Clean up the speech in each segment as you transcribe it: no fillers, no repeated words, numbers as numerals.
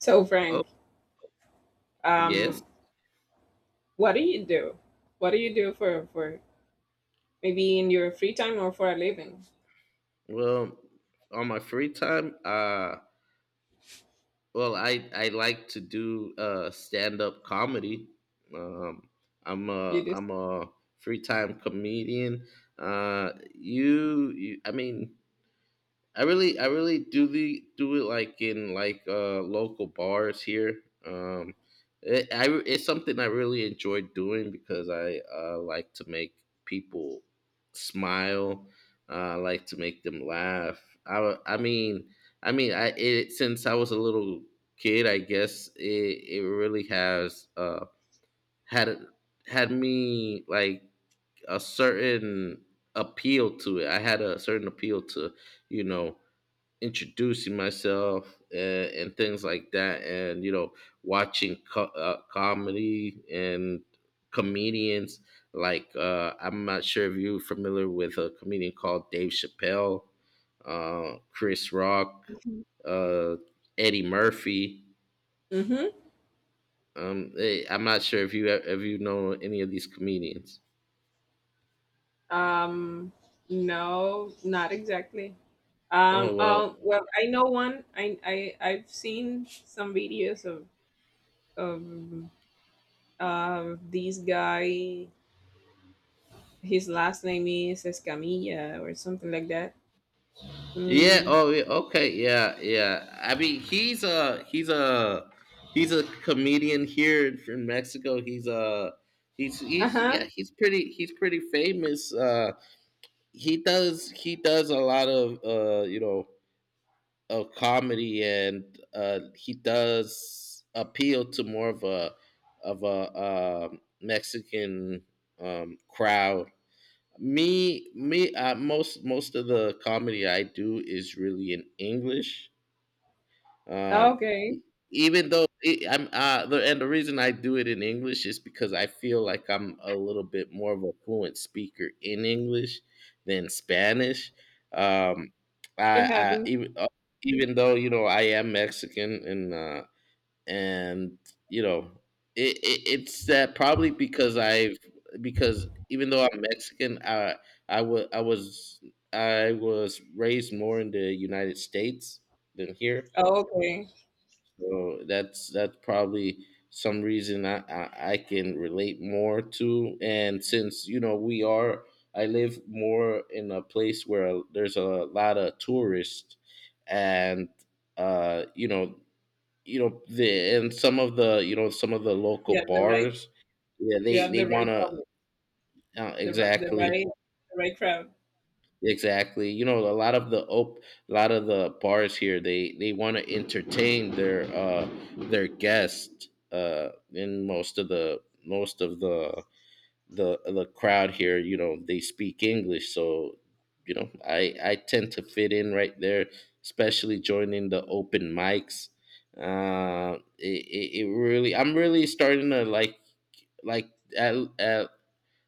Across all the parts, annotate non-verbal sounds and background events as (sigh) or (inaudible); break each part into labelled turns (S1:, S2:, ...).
S1: So
S2: Oh,
S1: Frank,
S2: yes.
S1: um, what do you do? What do you do for maybe in your free time or for a living?
S2: Well, on my free time, well, I like to do stand up comedy. Um, I'm
S1: You
S2: a
S1: do.
S2: I'm a free time comedian. You, you I mean, I really do it like in like local bars here. Um, it's something I really enjoy doing because I like to make people smile. I like to make them laugh. I mean, I it since I was a little kid, I guess it really has had had me like a certain appeal to it. I had a certain appeal to, you know introducing myself, and things like that, and watching comedy and comedians, like, I'm not sure if you're familiar with a comedian called Dave Chappelle, Chris Rock, uh, Eddie Murphy.
S1: Mm-hmm.
S2: I'm not sure if you know any of these comedians.
S1: Um, no, not exactly.
S2: Oh, well.
S1: Oh, well, I know one. I've seen some videos of of this guy. His last name is Escamilla or something like that.
S2: Yeah.
S1: Mm.
S2: Oh, yeah. Okay. Yeah. Yeah. I mean, he's a comedian here in from Mexico.
S1: Uh
S2: He's,
S1: huh.
S2: yeah, he's pretty famous. He does a lot of you know, of comedy, and he does appeal to more of a Mexican crowd. Me me Most of the comedy I do is really in English. um
S1: Okay,
S2: e- Even though, it, I'm the, and the reason I do it in English is because I feel like I'm a little bit more of a fluent speaker in English than Spanish. Um
S1: it
S2: I
S1: happens.
S2: even Even though, you know, I am Mexican, and, and you know, it's that probably because I've, because even though I'm Mexican, I was I was I was raised more in the United States than here,
S1: Oh, okay,
S2: so that's probably some reason I can relate more to. And since, you know, we are, I live more in a place where there's a lot of tourists, and, you know, you know the and some of the, you know, some of the local
S1: you have the right.
S2: bars. Yeah,
S1: You have
S2: they
S1: the
S2: want
S1: right
S2: to
S1: public. the ri- the
S2: exactly.
S1: right the right crowd.
S2: Exactly, you know, a lot of the op a lot of the bars here, they want to entertain their guests. In Most of most of the the crowd here, you know, they speak English, so, I tend to fit in right there, especially joining the open mics. It, it, it really, I'm really starting to like, at, at,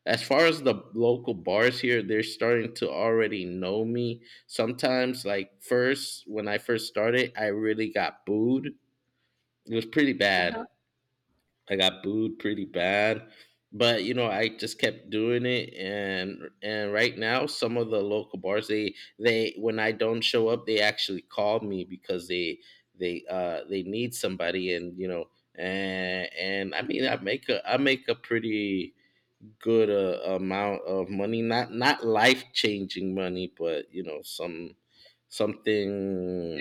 S2: as far as the local bars here, they're starting to already know me. Sometimes, like, first, when I first started, I really got booed. It was pretty bad.
S1: Uh-huh.
S2: I got booed pretty bad, but, you know, I just kept doing it, and, right now some of the local bars, they, when I don't show up, they actually call me because they need somebody. And, you know, and I mean, I make a pretty good, amount of money. Not, life changing money, but, you know, some,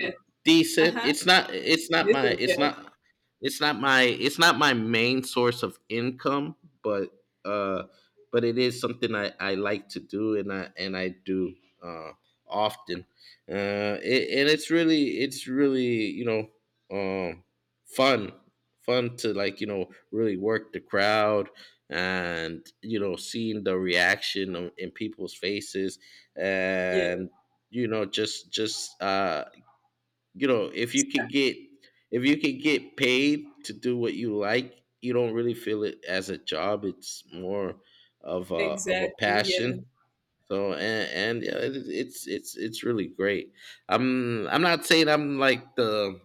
S1: Yes.
S2: decent.
S1: Uh-huh.
S2: It's not
S1: This
S2: my
S1: is yes.
S2: it's not my, it's not my main source of income, but, but it is something I like to do, and, I do, uh often. And it's really, it's really, you know, um fun. Fun to, like, you know, really work the crowd, and, you know, seeing the reaction in people's faces,
S1: Yeah.
S2: and, you know, just, you know, if you could get, if you could get paid to do what you like, you don't really feel it as a job. It's more of a
S1: Exactly. Yeah.
S2: passion. So, and yeah, it's, it's really great. I'm not saying I'm like the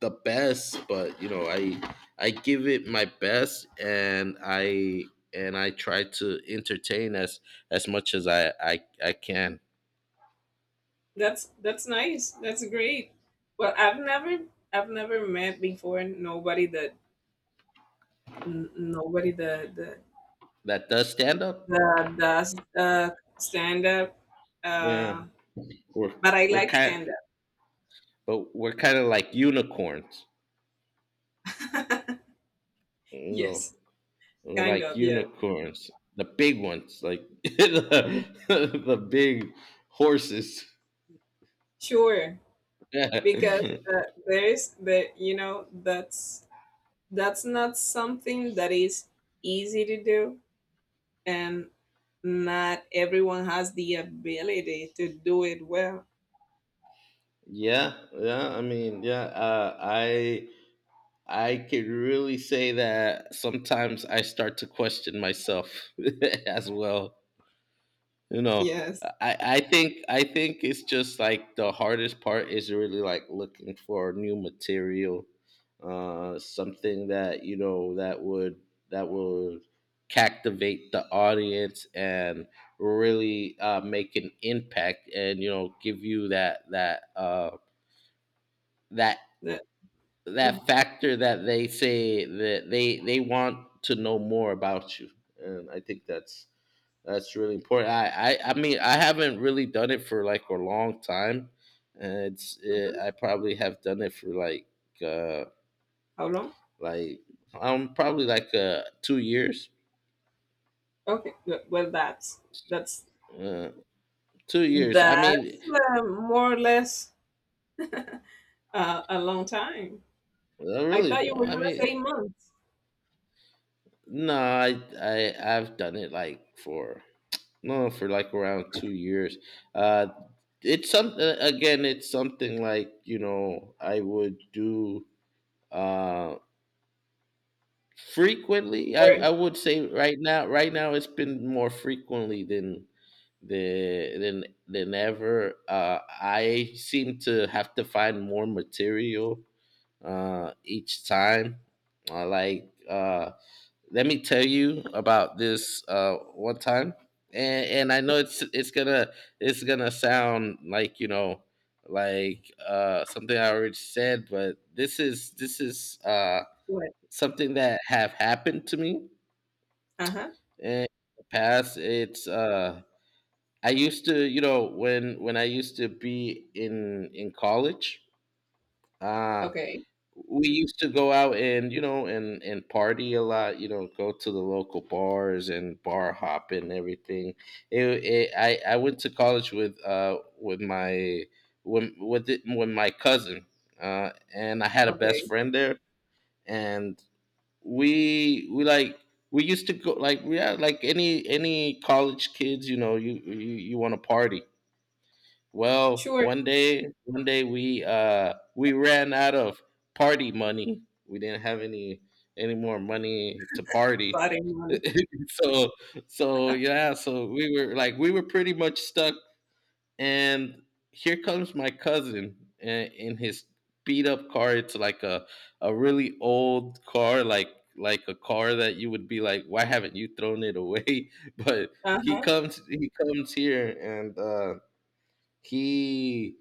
S2: the best, but, you know, I give it my best, and, I try to entertain as much as I can.
S1: That's nice. That's great. Well, I've never met before nobody that n- nobody that that
S2: That does stand up.
S1: that does stand up.
S2: Yeah,
S1: Uh,
S2: we're
S1: but I
S2: we're
S1: like
S2: kind,
S1: stand
S2: but we're kind of like unicorns.
S1: up. (laughs)
S2: No,
S1: yes.
S2: we're
S1: Kind
S2: like
S1: of. Yeah.
S2: unicorns, the big ones, like (laughs) the, big horses.
S1: Sure,
S2: (laughs) Yeah,
S1: because there's the you know that's not something that is easy to do. And not everyone has the ability to do it well.
S2: yeah. I mean, yeah. I can really say that sometimes I start to question myself (laughs) as well. You know,
S1: Yes.
S2: I think, it's just like the hardest part is really like looking for new material, something that, you know, that would, that would captivate the audience, and really, make an impact and, you know, give you that, that, that
S1: The- mhm,
S2: that factor that they say that they want to know more about you. And I think that's really important. I mean, I haven't really done it for like a long time, and it's,
S1: mhm.
S2: I probably have done it for like, uh
S1: How long?
S2: like probably like, 2 years.
S1: Okay, good. Well, that's
S2: uh, 2 years, I mean.
S1: that's more or less a long time. I thought
S2: Really,
S1: you were
S2: I
S1: gonna
S2: mean,
S1: say months
S2: no, I've done it like for, no, for like around 2 years. uh it's something, again, it's something like, you know, I would do, uh frequently.
S1: or
S2: I would say right now, it's been more frequently than, the than ever. I seem to have to find more material, each time. I like Let me tell you about this, one time. And, I know it's gonna, it's gonna sound like, you know, like, something I already said, but this is,
S1: what?
S2: something that have happened to me
S1: Uh huh.
S2: in the past. It's, I used to, you know, when, I used to be in, college. Uh,
S1: Okay.
S2: we used to go out and, you know, and party a lot, you know, go to the local bars and bar hop and everything. I went to college with, with my, with my cousin, and I had a best
S1: Okay.
S2: friend there. And, we, like, we used to go, like, we had like, any college kids, you know, you want to party. Well,
S1: Sure.
S2: one day, we, we ran out of party money. We didn't have any more money to party.
S1: Body
S2: (laughs)
S1: money.
S2: So, yeah, so we were like, we were pretty much stuck. And here comes my cousin in, his beat up car. It's like a really old car, like, a car that you would be like, why haven't you thrown it away? (laughs) But
S1: Uh huh.
S2: he comes here and, he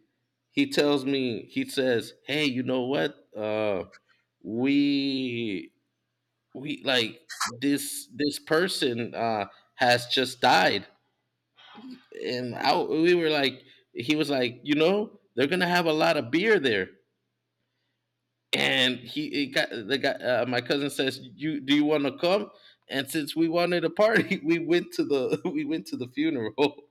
S2: he tells me. He says, hey, you know what, we we, like, this person, has just died. And I, we were like, he was like, you know, they're gonna have a lot of beer there. And he got the guy, my cousin says, you, do you want to come? And since we wanted a party, (laughs) we went to the (laughs) we went to the funeral. (laughs)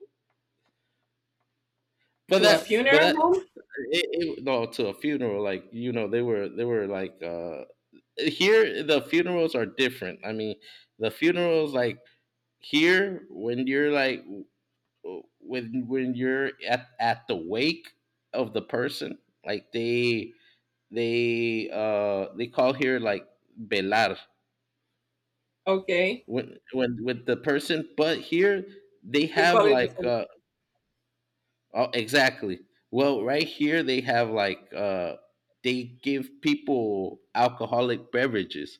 S2: But
S1: To a funeral home.
S2: it, no, to a funeral, like, you know, they were like, here the funerals are different. I mean, the funerals, like, here when you're like, when, you're at, the wake of the person, like, they, they call here, like, velar,
S1: Okay.
S2: when, with the person, but here they
S1: We
S2: have
S1: call it the
S2: like,
S1: same.
S2: Oh, exactly. Well, right here they have like, they give people alcoholic beverages,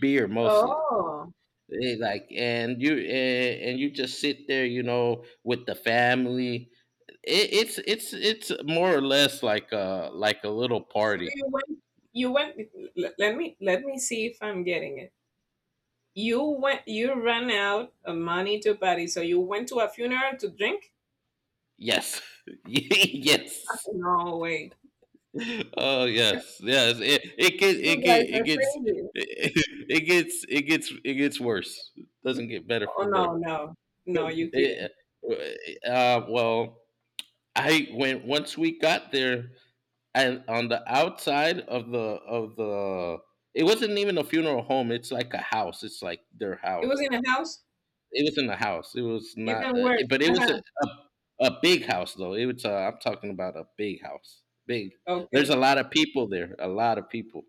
S2: beer mostly.
S1: Oh.
S2: They like, and you, and you just sit there, you know, with the family. It's, it's more or less like a, like a little
S1: So
S2: party.
S1: you went. You went. Let me see if I'm getting it. You went, you ran out of money to party, so you went to a funeral to drink?
S2: Yes, (laughs) yes.
S1: No way.
S2: Oh yes, yes. It gets
S1: You
S2: it get
S1: guys
S2: it
S1: are
S2: gets
S1: crazy.
S2: (laughs) it gets worse. Doesn't get better
S1: Oh,
S2: from there.
S1: no, no. No, you kidding.
S2: It, well, I went, once we got there, and on the outside of the, it wasn't even a funeral home. It's like a house. It's like their
S1: It was
S2: house.
S1: in a house?
S2: It was in a house. It was not,
S1: Even worse.
S2: but it was
S1: Uh-huh.
S2: a, a big house though. It was. I'm talking about a big house. Big. There's a
S1: Okay.
S2: lot of people there. A lot of people.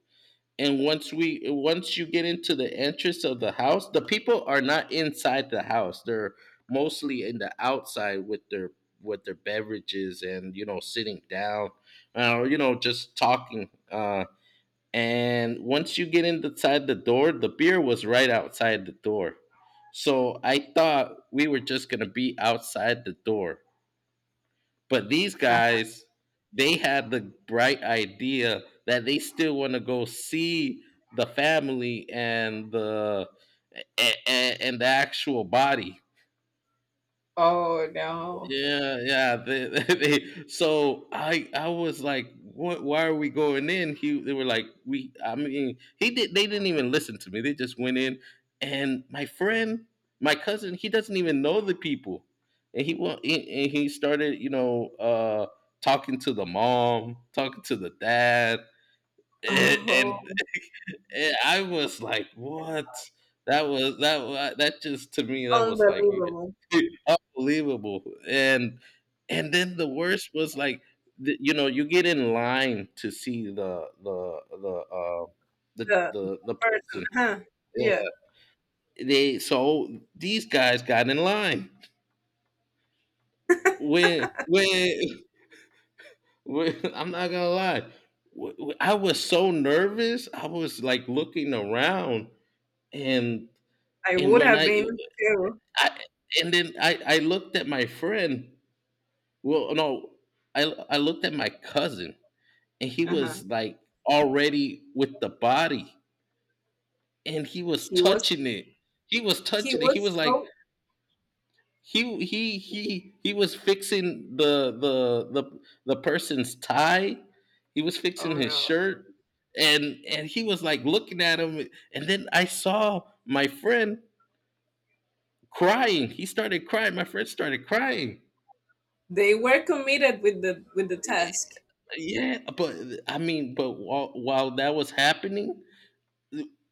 S2: And once we, once you get into the entrance of the house, the people are not inside the house, they're mostly in the outside with their, beverages, and, you know, sitting down, or, you know, just talking. And once you get inside the door, the beer was right outside the door, so I thought we were just gonna be outside the door. But these
S1: Uh,
S2: guys, they had the bright idea that they still want to go see the family and and the actual body.
S1: oh, no.
S2: Yeah, yeah. They, (laughs) they, so I was like, what? Why are we going in? He They were like, we. I mean, he did. They didn't even listen to me. They just went in, and my friend, my cousin, he doesn't even know the people, and he went and he started, talking to the mom, talking to the dad, and,
S1: Oh,
S2: and I was like, "What?" That was that. That just to me, that was like
S1: unbelievable.
S2: (laughs) unbelievable. And then the worst was like, you get in line to see the the the uh, the
S1: The
S2: the the
S1: person,
S2: person.
S1: huh?
S2: Yeah,
S1: Yeah,
S2: they so these guys got in line. When when, when (laughs) I'm not gonna lie, I was so nervous. I was like looking around and
S1: I
S2: and
S1: would
S2: when
S1: have been
S2: I
S1: too.
S2: I, then I looked at my friend. Well, no, I, I looked at my cousin, and he
S1: Uh-huh.
S2: was like already with the body, and he was
S1: He was,
S2: touching it. He was
S1: he
S2: touching it. He was
S1: was
S2: like
S1: so,
S2: he was fixing the person's tie. He was
S1: oh
S2: fixing his
S1: no.
S2: shirt, and he was like looking at him. And then I saw my friend crying. He started crying. My friend started crying.
S1: They were committed with the task.
S2: Yeah, but I mean, but while that was happening,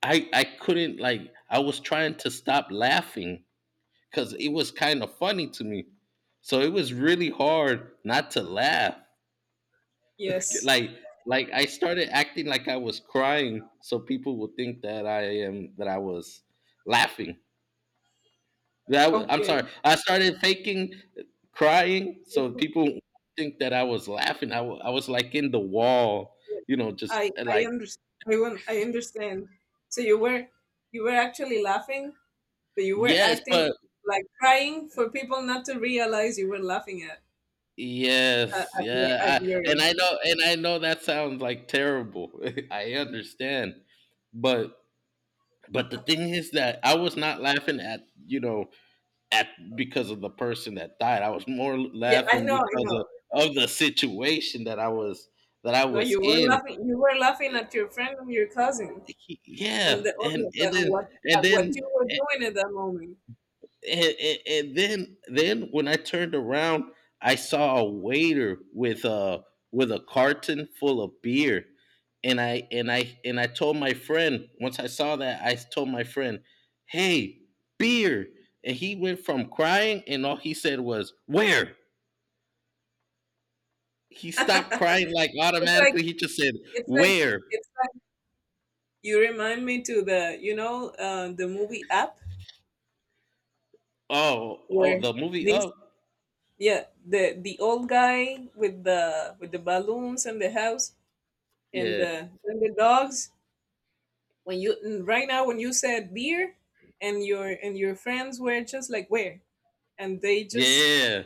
S2: I couldn't like I was trying to stop laughing because it was kind of funny to me. So it was really hard not to laugh. (laughs)
S1: Yes.
S2: Like like I started acting like I was crying, so people would think that I was laughing. That I am
S1: Okay.
S2: sorry. I started faking crying, so people think that I was laughing. I was like in the wall,
S1: Yeah,
S2: you know,
S1: I
S2: just
S1: I
S2: like
S1: understand. I, won't- I understand. So you were actually laughing, but you were
S2: yes,
S1: acting
S2: but
S1: like crying for people not to realize you were laughing at at,
S2: yes,
S1: at your at
S2: yeah,
S1: your.
S2: and I know that sounds like terrible. (laughs) I understand, but but the thing is that I was not laughing at you know at because of the person that died. I was more
S1: Yeah, I
S2: laughing
S1: know, I
S2: because
S1: know.
S2: of the situation that I
S1: No,
S2: was
S1: you were
S2: in.
S1: laughing. You were laughing at your friend and your cousin, and
S2: Yeah,
S1: the only
S2: and
S1: but on
S2: then
S1: what
S2: and
S1: at what you
S2: then.
S1: were doing at that moment.
S2: And then then when I turned around, I saw a waiter with a carton full of beer, and I told my friend once I saw that I told my friend, "Hey, beer!" And he went from crying, and all he said was, "Where?" He stopped
S1: (laughs)
S2: crying like
S1: it's like
S2: automatically. He just said,
S1: it's like
S2: "Where?"
S1: it's like you remind me to the you know the movie app
S2: Oh, oh,
S1: where
S2: the movie
S1: this.
S2: up.
S1: Yeah, the old guy with the balloons and the house and
S2: Yeah,
S1: the dogs. Right now, when you said beer, and your friends were just like where, and they
S2: yeah.
S1: just,
S2: Yeah, yeah.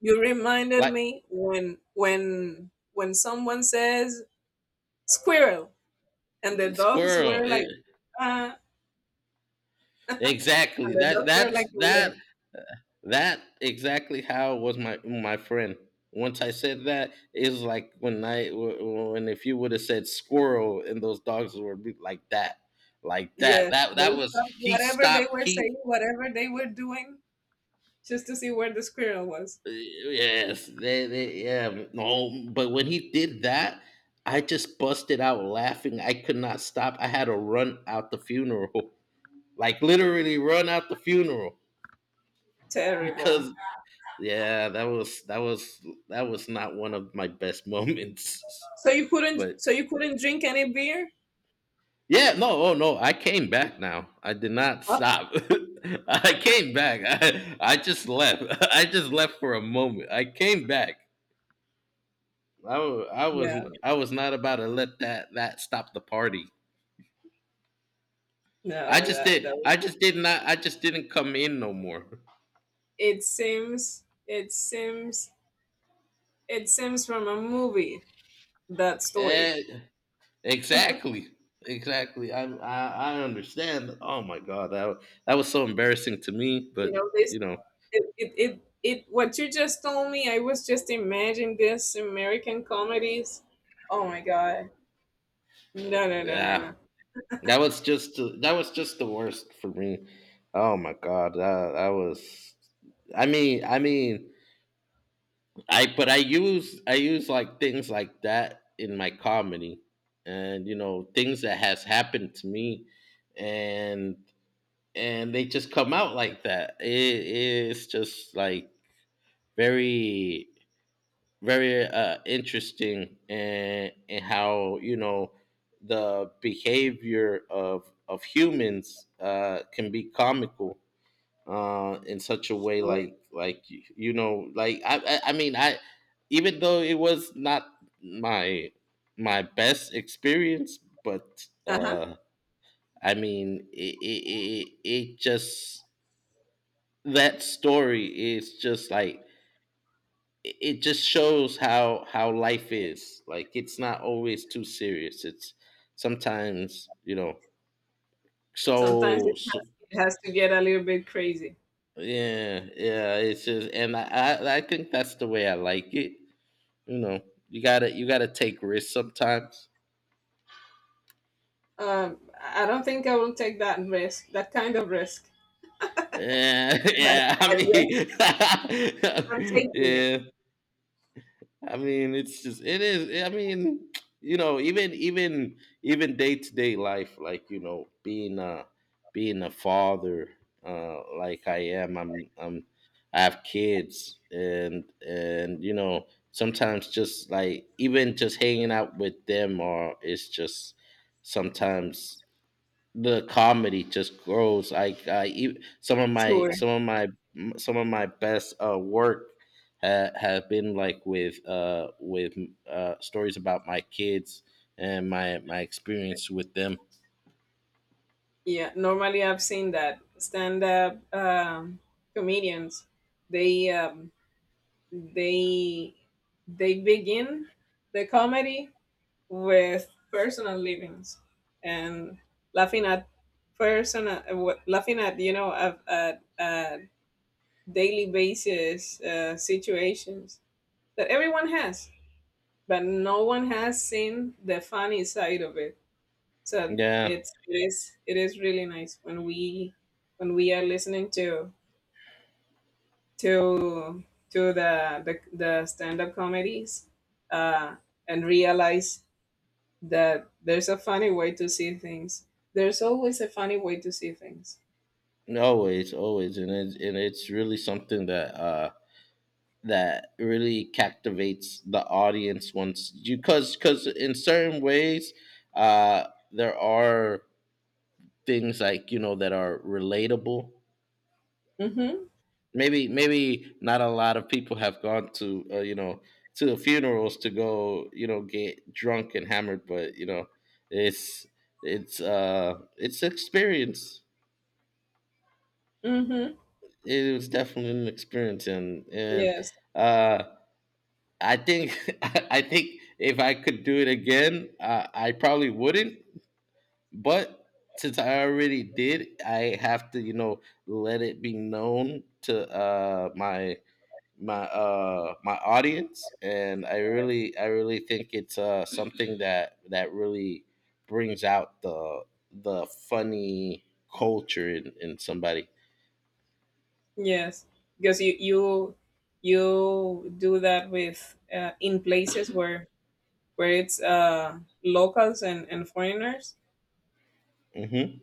S1: you reminded
S2: Like
S1: me when someone says squirrel, and the dogs
S2: squirrel.
S1: were like uh, (laughs) and
S2: Exactly.
S1: the
S2: That
S1: dogs were
S2: that's
S1: like where.
S2: that That exactly how was my my friend. Once I said that, it was like when I when if you would have said squirrel and those dogs would be like that, like that.
S1: Yes,
S2: That
S1: they
S2: that was
S1: stopped
S2: he
S1: whatever they
S2: stopped.
S1: were saying,
S2: He
S1: whatever they were doing, just to see where the squirrel was.
S2: yes, they yeah no. But when he did that, I just busted out laughing. I could not stop. I had to run out the funeral, (laughs) like literally run out the funeral
S1: Terrible.
S2: because yeah, that was that was that was not one of my best moments. (laughs)
S1: So you couldn't
S2: But
S1: so you couldn't drink any beer?
S2: yeah, no, oh no, I came back now. I did not
S1: Oh,
S2: stop. (laughs) I came back. (laughs) I just left. (laughs) I just left for a moment. I came back. I, wa- I was
S1: no.
S2: I was not about to let that stop the party. I
S1: No,
S2: just
S1: that
S2: did. I just did not. I just didn't come in no more.
S1: it seems it seems it seems from a movie, that story.
S2: Eh, Exactly. Exactly. I understand. Oh my god, that was so embarrassing to me.
S1: You
S2: But
S1: know, this,
S2: you know,
S1: it what you just told me, I was just imagining this American comedies. Oh my god. No, no, no, no,
S2: yeah,
S1: no.
S2: that was just the worst for me. Oh my god, that that was. I mean, I use like things like that in my comedy, and you know things that has happened to me, and and they just come out like that. It's just like very very interesting and how you know the behavior of humans can be comical in such a way
S1: Sure.
S2: like you know like I mean I even though it was not my my best experience but
S1: Uh-huh.
S2: I mean it just that story is just like it just shows how life is like it's not always too serious it's sometimes you know
S1: Sometimes it
S2: so
S1: has it has to get a little bit crazy.
S2: yeah yeah it's just and I think that's the way I like it you know you gotta take risks sometimes
S1: I don't think I will take that risk, that kind of risk.
S2: yeah (laughs)
S1: But,
S2: yeah I
S1: but, yes,
S2: mean
S1: I'm
S2: (laughs)
S1: taking it.
S2: yeah I mean, it's just it is. I mean, you know, even day to day life, like you know, being a father, like I am, I'm I have kids, and you know, sometimes just like even just hanging out with them, or it's just sometimes the comedy just grows. I e- some of my
S1: Sure.
S2: some of my Some of my best work have been like with stories about my kids and my experience with them.
S1: Yeah. Normally, I've seen that stand-up comedians. They um, they they begin the comedy with personal livings and laughing at personal, what- laughing at you know at daily basis, situations that everyone has, but no one has seen the funny side of it. So
S2: Yeah,
S1: it is really nice when we are listening to to the stand up comedies, uh, and realize that there's a funny way to see things. There's always a funny way to see things.
S2: always, always, and it's really something that that really captivates the audience once you because in certain ways there are things like you know that are relatable
S1: Mm-hmm.
S2: maybe maybe not a lot of people have gone to you know to the funerals to go you know get drunk and hammered but you know it's it's experience
S1: Mm-hmm.
S2: it was definitely an experience and
S1: Yes.
S2: uh I think (laughs) I think if I could do it again I probably wouldn't but since I already did I have to you know let it be known to my my audience and I really I really think it's something that that really brings out the funny culture in somebody
S1: Yes. Because you do that with, in places where it's, locals and, foreigners.
S2: hmm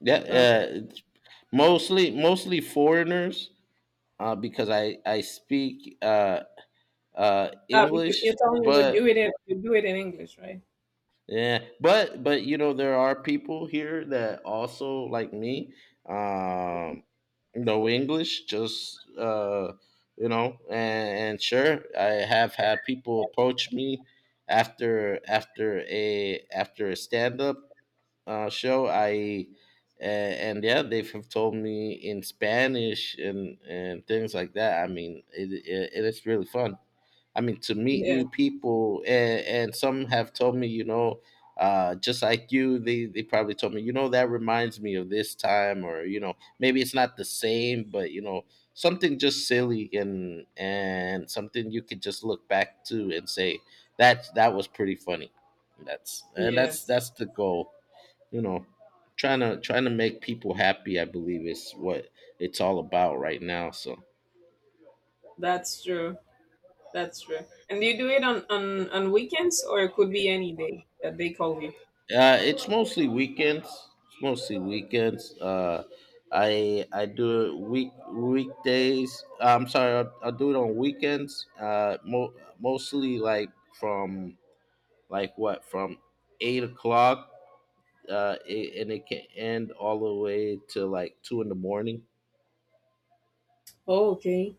S2: yeah
S1: Okay.
S2: it's mostly mostly foreigners because I speak
S1: Ah, because
S2: English
S1: you're telling me to
S2: but
S1: do it in you do it in English, right?
S2: yeah, but you know there are people here that also like me um know English just you know and sure I have had people approach me after after a after a stand up show. I and yeah, they have told me in Spanish and things like that. I mean, it is really fun. I mean, to meet
S1: Yeah.
S2: new people, and some have told me, you know, just like you, they probably told me, you know, that reminds me of this time, or you know, maybe it's not the same, but you know, something just silly and something you could just look back to and say that that was pretty funny. That's and that's
S1: Yes.
S2: that's the goal you know trying to make people happy I believe is what it's all about right now so
S1: That's true. That's true. And do you do it on weekends, or it could be any day that they call you?
S2: uh it's mostly weekends it's mostly weekends I do it weekdays I'm sorry I do it on weekends mostly like from like what from 8 o'clock and it can end all the way to like two in the morning.
S1: Oh, okay.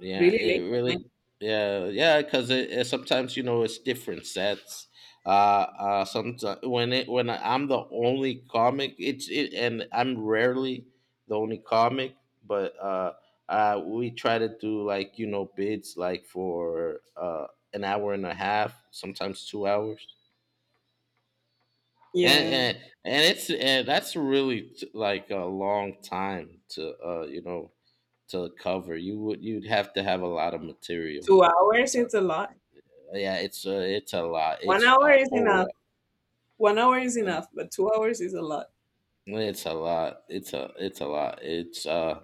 S2: Yeah,
S1: Really
S2: it
S1: late at night?
S2: really. Yeah, yeah, because sometimes you know it's different sets. Sometimes when it when I'm the only comic, and I'm rarely the only comic, but we try to do like you know bids like for an hour and a half, sometimes 2 hours, and
S1: Yeah.
S2: and it's and that's really like a long time to you know to cover. You'd have to have a lot of material
S1: 2 hours it's a lot.
S2: yeah it's it's a lot
S1: One
S2: it's
S1: hour
S2: a
S1: is enough.
S2: whole
S1: One hour is
S2: lot.
S1: enough, but 2 hours is a lot.
S2: It's a lot it's a lot it's uh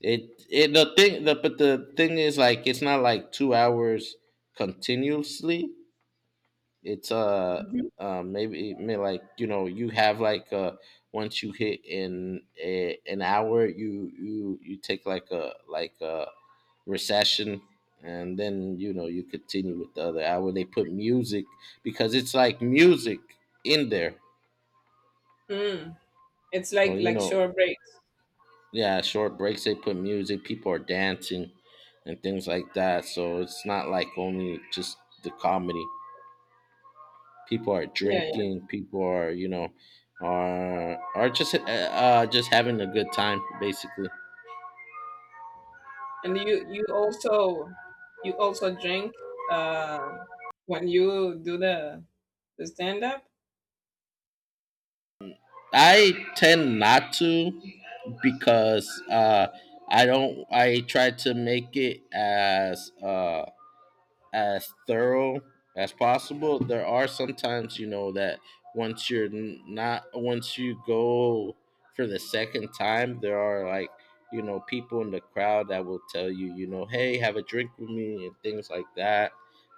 S2: it it but the thing is like it's not like 2 hours continuously it's
S1: Mhm.
S2: maybe, maybe like you know you have like once you hit in an hour you take like a recession and then you know you continue with the other hour they put music because it's like music in there.
S1: Mm. It's like
S2: Well, you
S1: like
S2: know,
S1: short breaks.
S2: yeah, short breaks, they put music, people are dancing and things like that. So it's not like only just the comedy. People are
S1: Yeah, yeah.
S2: drinking, people are, you know, are just having a good time basically.
S1: And you also drink uh when you do the stand up?
S2: I tend not to because I don't I try to make it as thorough as possible. There are sometimes, you know, that once you're not, once you go for the second time, there are like, you know, people in the crowd that will tell you, you know, hey, have a drink with me and things like that.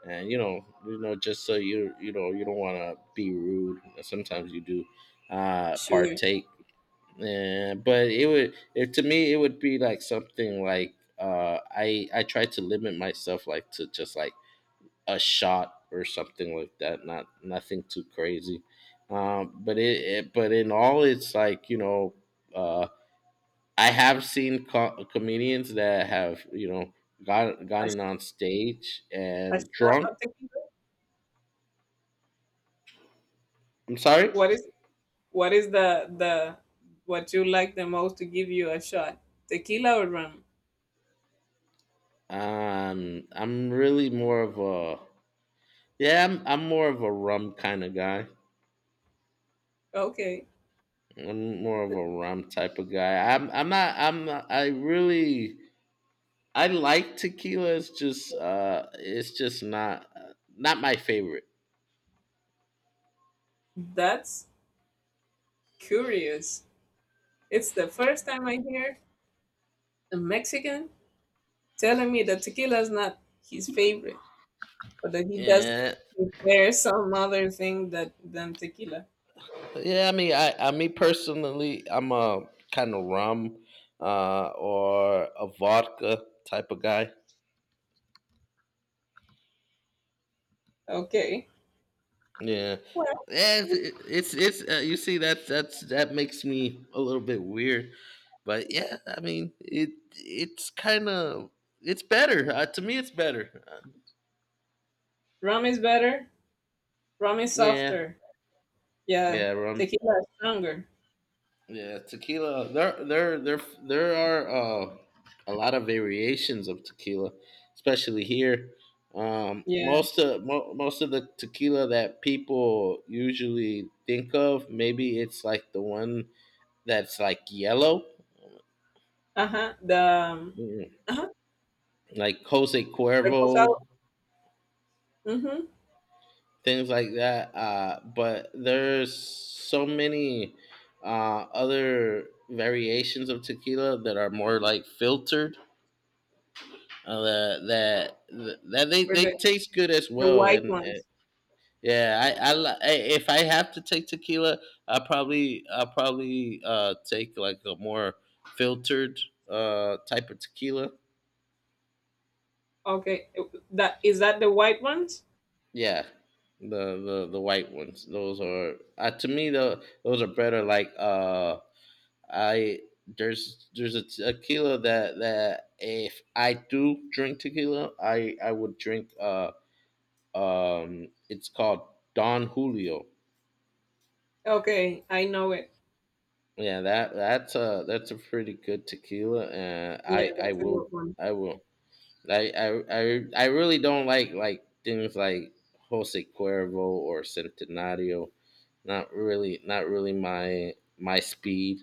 S2: And you know, just so you know, you don't want to be rude. Sometimes you do
S1: Sure.
S2: partake, and but it would it, to me it would be like something like I try to limit myself like to just like a shot or something like that. Not nothing too crazy. But in all, it's like, uh, I have seen comedians that have
S1: Ash-
S2: gotten on stage
S1: Asha,
S2: and drunk.
S1: I'm thinking,
S2: I'm sorry.
S1: what is what is the the what you like the most to give you a shot? Tequila or rum?
S2: I'm really more of a, yeah. I'm more of a rum kind of guy.
S1: Okay,
S2: I'm more of a rum type of guy. I'm not. I'm not, I like tequila. It's just not my favorite.
S1: that's curious. It's the first time I hear a Mexican telling me that tequila is not his favorite, but that he does
S2: Yeah,
S1: prefer some other thing that than tequila.
S2: yeah. I mean, I me personally, I'm a kind of rum, or a vodka type of guy.
S1: Okay,
S2: Yeah,
S1: well,
S2: yeah. It's You see, that makes me a little bit weird, but yeah. I mean, it's kind of, it's better, to me. It's better.
S1: rum is better. Rum is
S2: Yeah,
S1: softer. Yeah,
S2: yeah. Rum.
S1: tequila is stronger.
S2: Yeah, tequila. There are, uh, a lot of variations of tequila, especially here.
S1: Yeah.
S2: Most of the tequila that people usually think of, maybe it's like the one that's like yellow,
S1: Uh huh. The
S2: mm,
S1: Uh-huh.
S2: like Jose Cuervo,
S1: Reposado. Mm-hmm.
S2: things like that. But there's so many other variations of tequila that are more like filtered. Uh,
S1: Or
S2: they
S1: the,
S2: taste good as
S1: the
S2: well,
S1: white
S2: and
S1: ones.
S2: yeah, if I have to take tequila, I probably take like a more filtered type of tequila.
S1: Okay. That is that the white ones?
S2: Yeah, the white ones, those are, to me though, those are better. Like, I there's, a tequila that, if I do drink tequila, I would drink, it's called Don Julio.
S1: Okay, I know it.
S2: Yeah, that's a pretty good tequila, and
S1: Yeah,
S2: I
S1: that's a
S2: will.
S1: good one.
S2: I will I really don't like things like Jose Cuervo or Centenario. Not really, not really my, speed,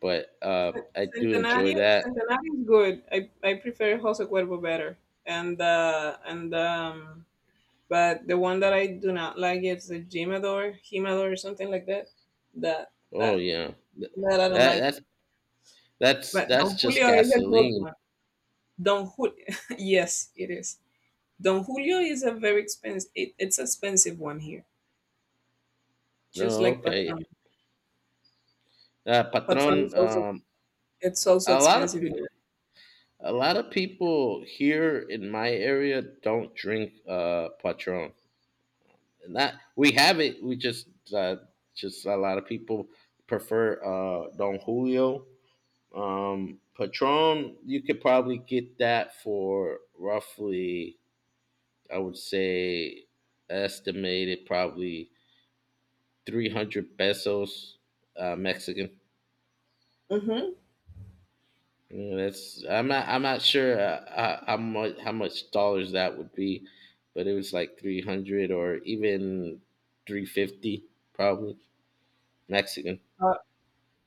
S2: but
S1: Cen-
S2: I do enjoy
S1: Centenario
S2: that.
S1: Centenario is good. I prefer Jose Cuervo better. And but the one that I do not like is the Jimador, or something like that. That
S2: Oh
S1: that
S2: yeah. Th-
S1: that I don't
S2: that
S1: like.
S2: that's
S1: But
S2: that's
S1: Don
S2: just
S1: Julio is a good
S2: gasoline.
S1: one. Don Julio, (laughs) yes, it is. Don Julio is a very expensive, it, it's expensive one here. Just
S2: No,
S1: like
S2: okay.
S1: Patron.
S2: Patron.
S1: Patron is also it's also
S2: A lot of
S1: expensive
S2: peo-
S1: here.
S2: A lot of people here in my area don't drink, Patron. Not, we have it. We just, uh, a lot of people prefer, Don Julio. Patron, you could probably get that for roughly, I would say, estimated, probably 300 pesos, Mexican.
S1: Mm-hmm.
S2: Yeah, that's I'm not sure, how much dollars that would be, but it was like 300, or even 350, probably Mexican.
S1: Uh,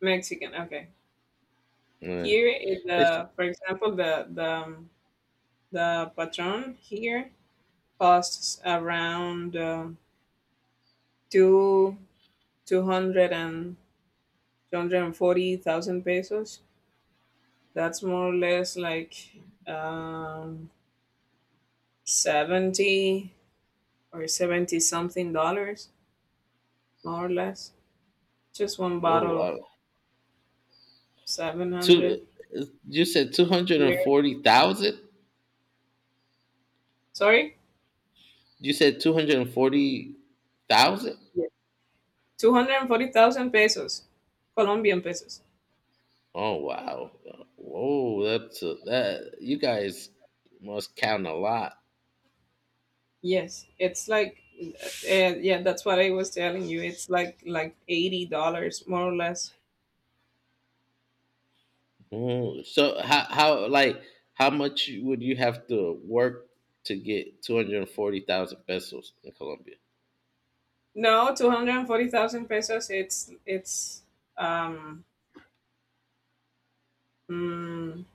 S1: Mexican, okay.
S2: Yeah.
S1: Here is,
S2: It's
S1: the for example the Patron here costs around two two hundred and two hundred and forty thousand pesos. That's more or less like um 70, or 70 something dollars, more or less. Just one
S2: Oh,
S1: bottle of
S2: wow.
S1: 700.
S2: Two. You said 240,000.
S1: Sorry.
S2: You said 240,000.
S1: 240,000 pesos, Colombian pesos.
S2: Oh, wow! Whoa, that's a, that. You guys must count a lot.
S1: Yes, it's like, yeah, that's what I was telling you. It's like $80, more or less.
S2: So how much would you have to work to get 240,000 pesos in Colombia?
S1: No, 240,000 pesos, um mm,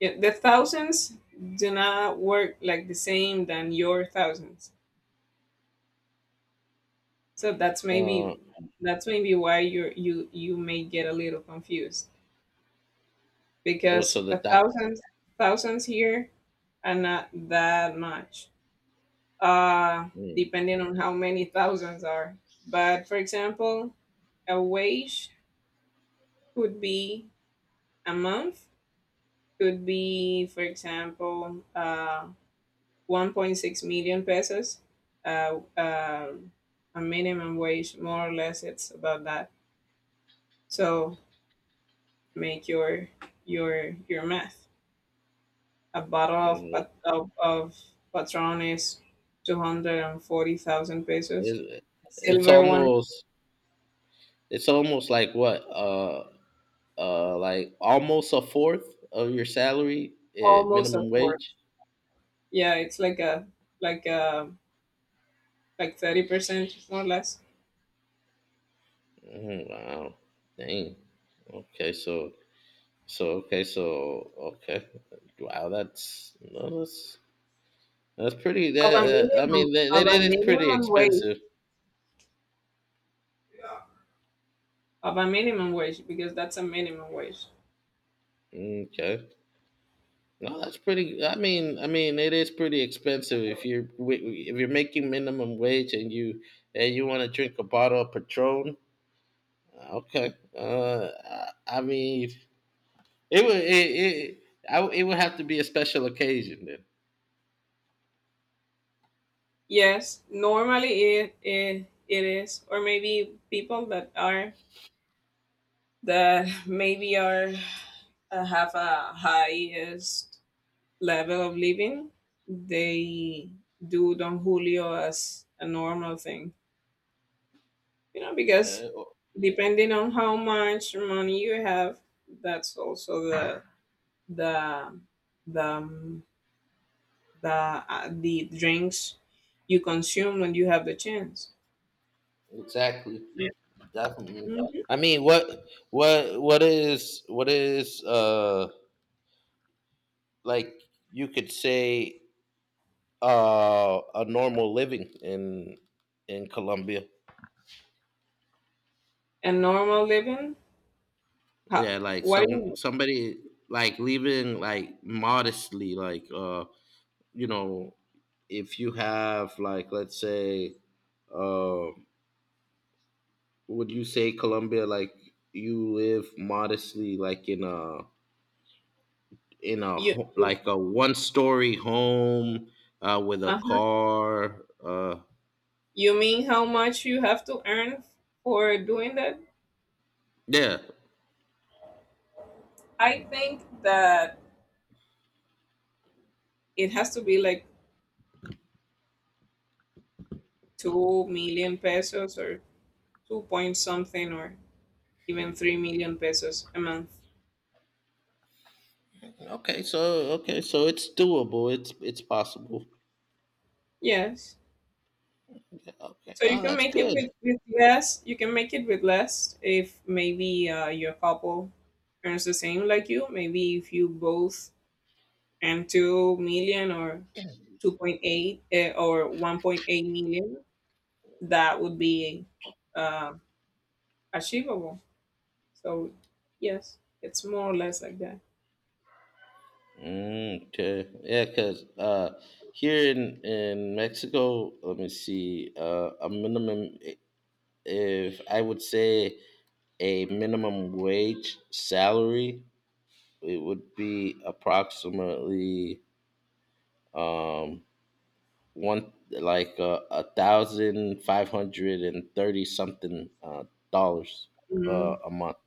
S1: yeah, the thousands do not work like the same than your thousands. So that's maybe
S2: Uh,
S1: that's maybe why you may get a little confused,
S2: oh,
S1: because
S2: so the
S1: a
S2: that
S1: thousand thousands here are not that much, uh,
S2: mm,
S1: depending on how many thousands are. But for example, a wage could be a month, could be, for example, 1.6 million pesos. Uh, uh, a minimum wage, more or less, it's about that. So make your math. A bottle of
S2: mm,
S1: Patron is 240,000 pesos.
S2: it's
S1: A
S2: it's
S1: silver one,
S2: almost, like what, like almost a fourth of your salary at
S1: almost a
S2: minimum
S1: fourth.
S2: wage.
S1: Yeah, it's like a like 30% more or less.
S2: Mm, wow, dang. Okay, so, okay, so okay. Wow, that's no, that's pretty.
S1: Of a
S2: That I
S1: minimum,
S2: mean,
S1: of
S2: that
S1: a
S2: it is pretty
S1: minimum wage.
S2: expensive.
S1: Of a minimum wage, because that's a minimum wage.
S2: Okay. No, that's pretty. I mean, it is pretty expensive if if you're making minimum wage, and you want to drink a bottle of Patron. Okay. I mean, it would it it, I it would have to be a special occasion then.
S1: Yes, normally, it is, or maybe people that (laughs) maybe are have a highest level of living, they do Don Julio as a normal thing. You know, because
S2: Yeah,
S1: depending on how much money you have, that's also the the the drinks you consume when you have the chance.
S2: exactly. Definitely.
S1: Mhm.
S2: I mean, what is, like, you could say, a normal living in, Colombia.
S1: And normal living how,
S2: Yeah, like
S1: what do you mean?
S2: somebody, like living like modestly, like, you know, if you have, like, let's say, uh would you say Colombia, like, you live modestly, like in a,
S1: you you,
S2: like a one story home, with a
S1: uh-huh.
S2: car,
S1: You mean how much you have to earn for doing that.
S2: yeah,
S1: I think that it has to be like 2 million pesos, or 2 point something, or even 3 million pesos a month.
S2: okay, so okay, so it's doable, it's possible.
S1: Yes.
S2: Okay.
S1: So you
S2: Oh,
S1: can
S2: that's
S1: make it
S2: good.
S1: with less. You can make it with less, if maybe, your couple earns the same like you. Maybe if you both earn 2 million, or 2.8, or 1.8 million, that would be, uh, achievable. So, yes, it's more or less like that.
S2: Okay. Yeah, because, here in, Mexico, let me see, if I would say a minimum wage salary, it would be approximately, um, one like 1,530 something, dollars,
S1: Mm.
S2: a month.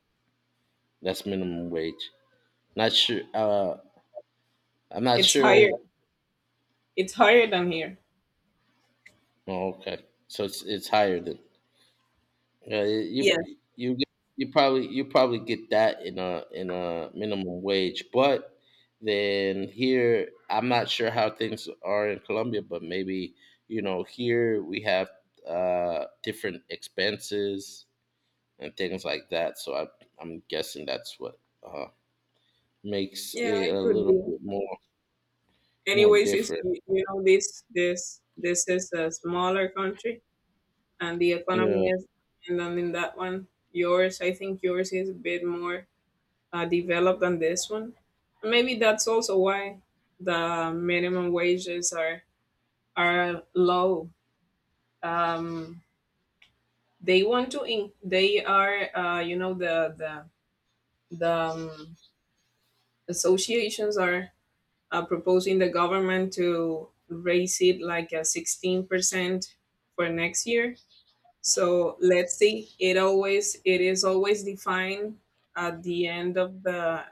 S2: That's minimum wage. Not sure. I'm not
S1: It's higher.
S2: sure.
S1: It's higher than here.
S2: Oh, okay. So it's higher than, yeah,
S1: Yes.
S2: you probably, get that in a, minimum wage. But then here, I'm not sure how things are in Colombia, but maybe, you know, here we have, different expenses and things like that. So I'm guessing that's what, makes
S1: Yeah,
S2: it
S1: it
S2: a
S1: could
S2: little
S1: be.
S2: bit more
S1: Anyways, you, s-
S2: different.
S1: you know this this is a smaller country, and the economy
S2: Yeah.
S1: is, and then in that one, yours, I think, yours is a bit more, developed than this one. Maybe that's also why the minimum wages are low. um they want to in- The associations are, proposing the government to raise it like a 16% for next year. So let's see. It always it is always defined at the end of the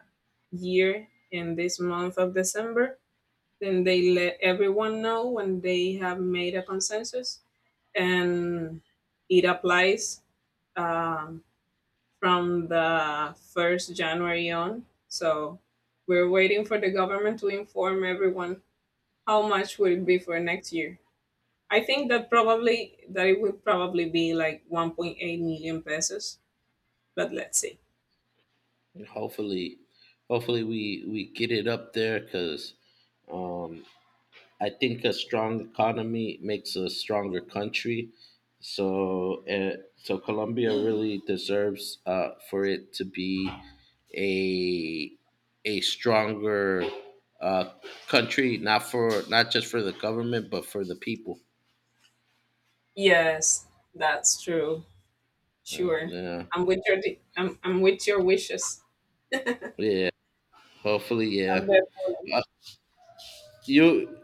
S1: year, in this month of December. Then they let everyone know when they have made a consensus, and it applies, um, from the first January on. So we're waiting for the government to inform everyone how much will it be for next year. I think that probably, that it would probably be like 1.8 million pesos, but let's see.
S2: And hopefully, hopefully, we get it up there, because, um, I think a strong economy makes a stronger country. So, Colombia really deserves, for it to be a a stronger, uh, country. Not for not just for the government, but for the people.
S1: Yes, that's true.
S2: Mm.
S1: Sure.
S2: Yeah,
S1: I'm with your wishes.
S2: yeah. Hopefully. Yeah.
S1: I'm there for
S2: Uh, You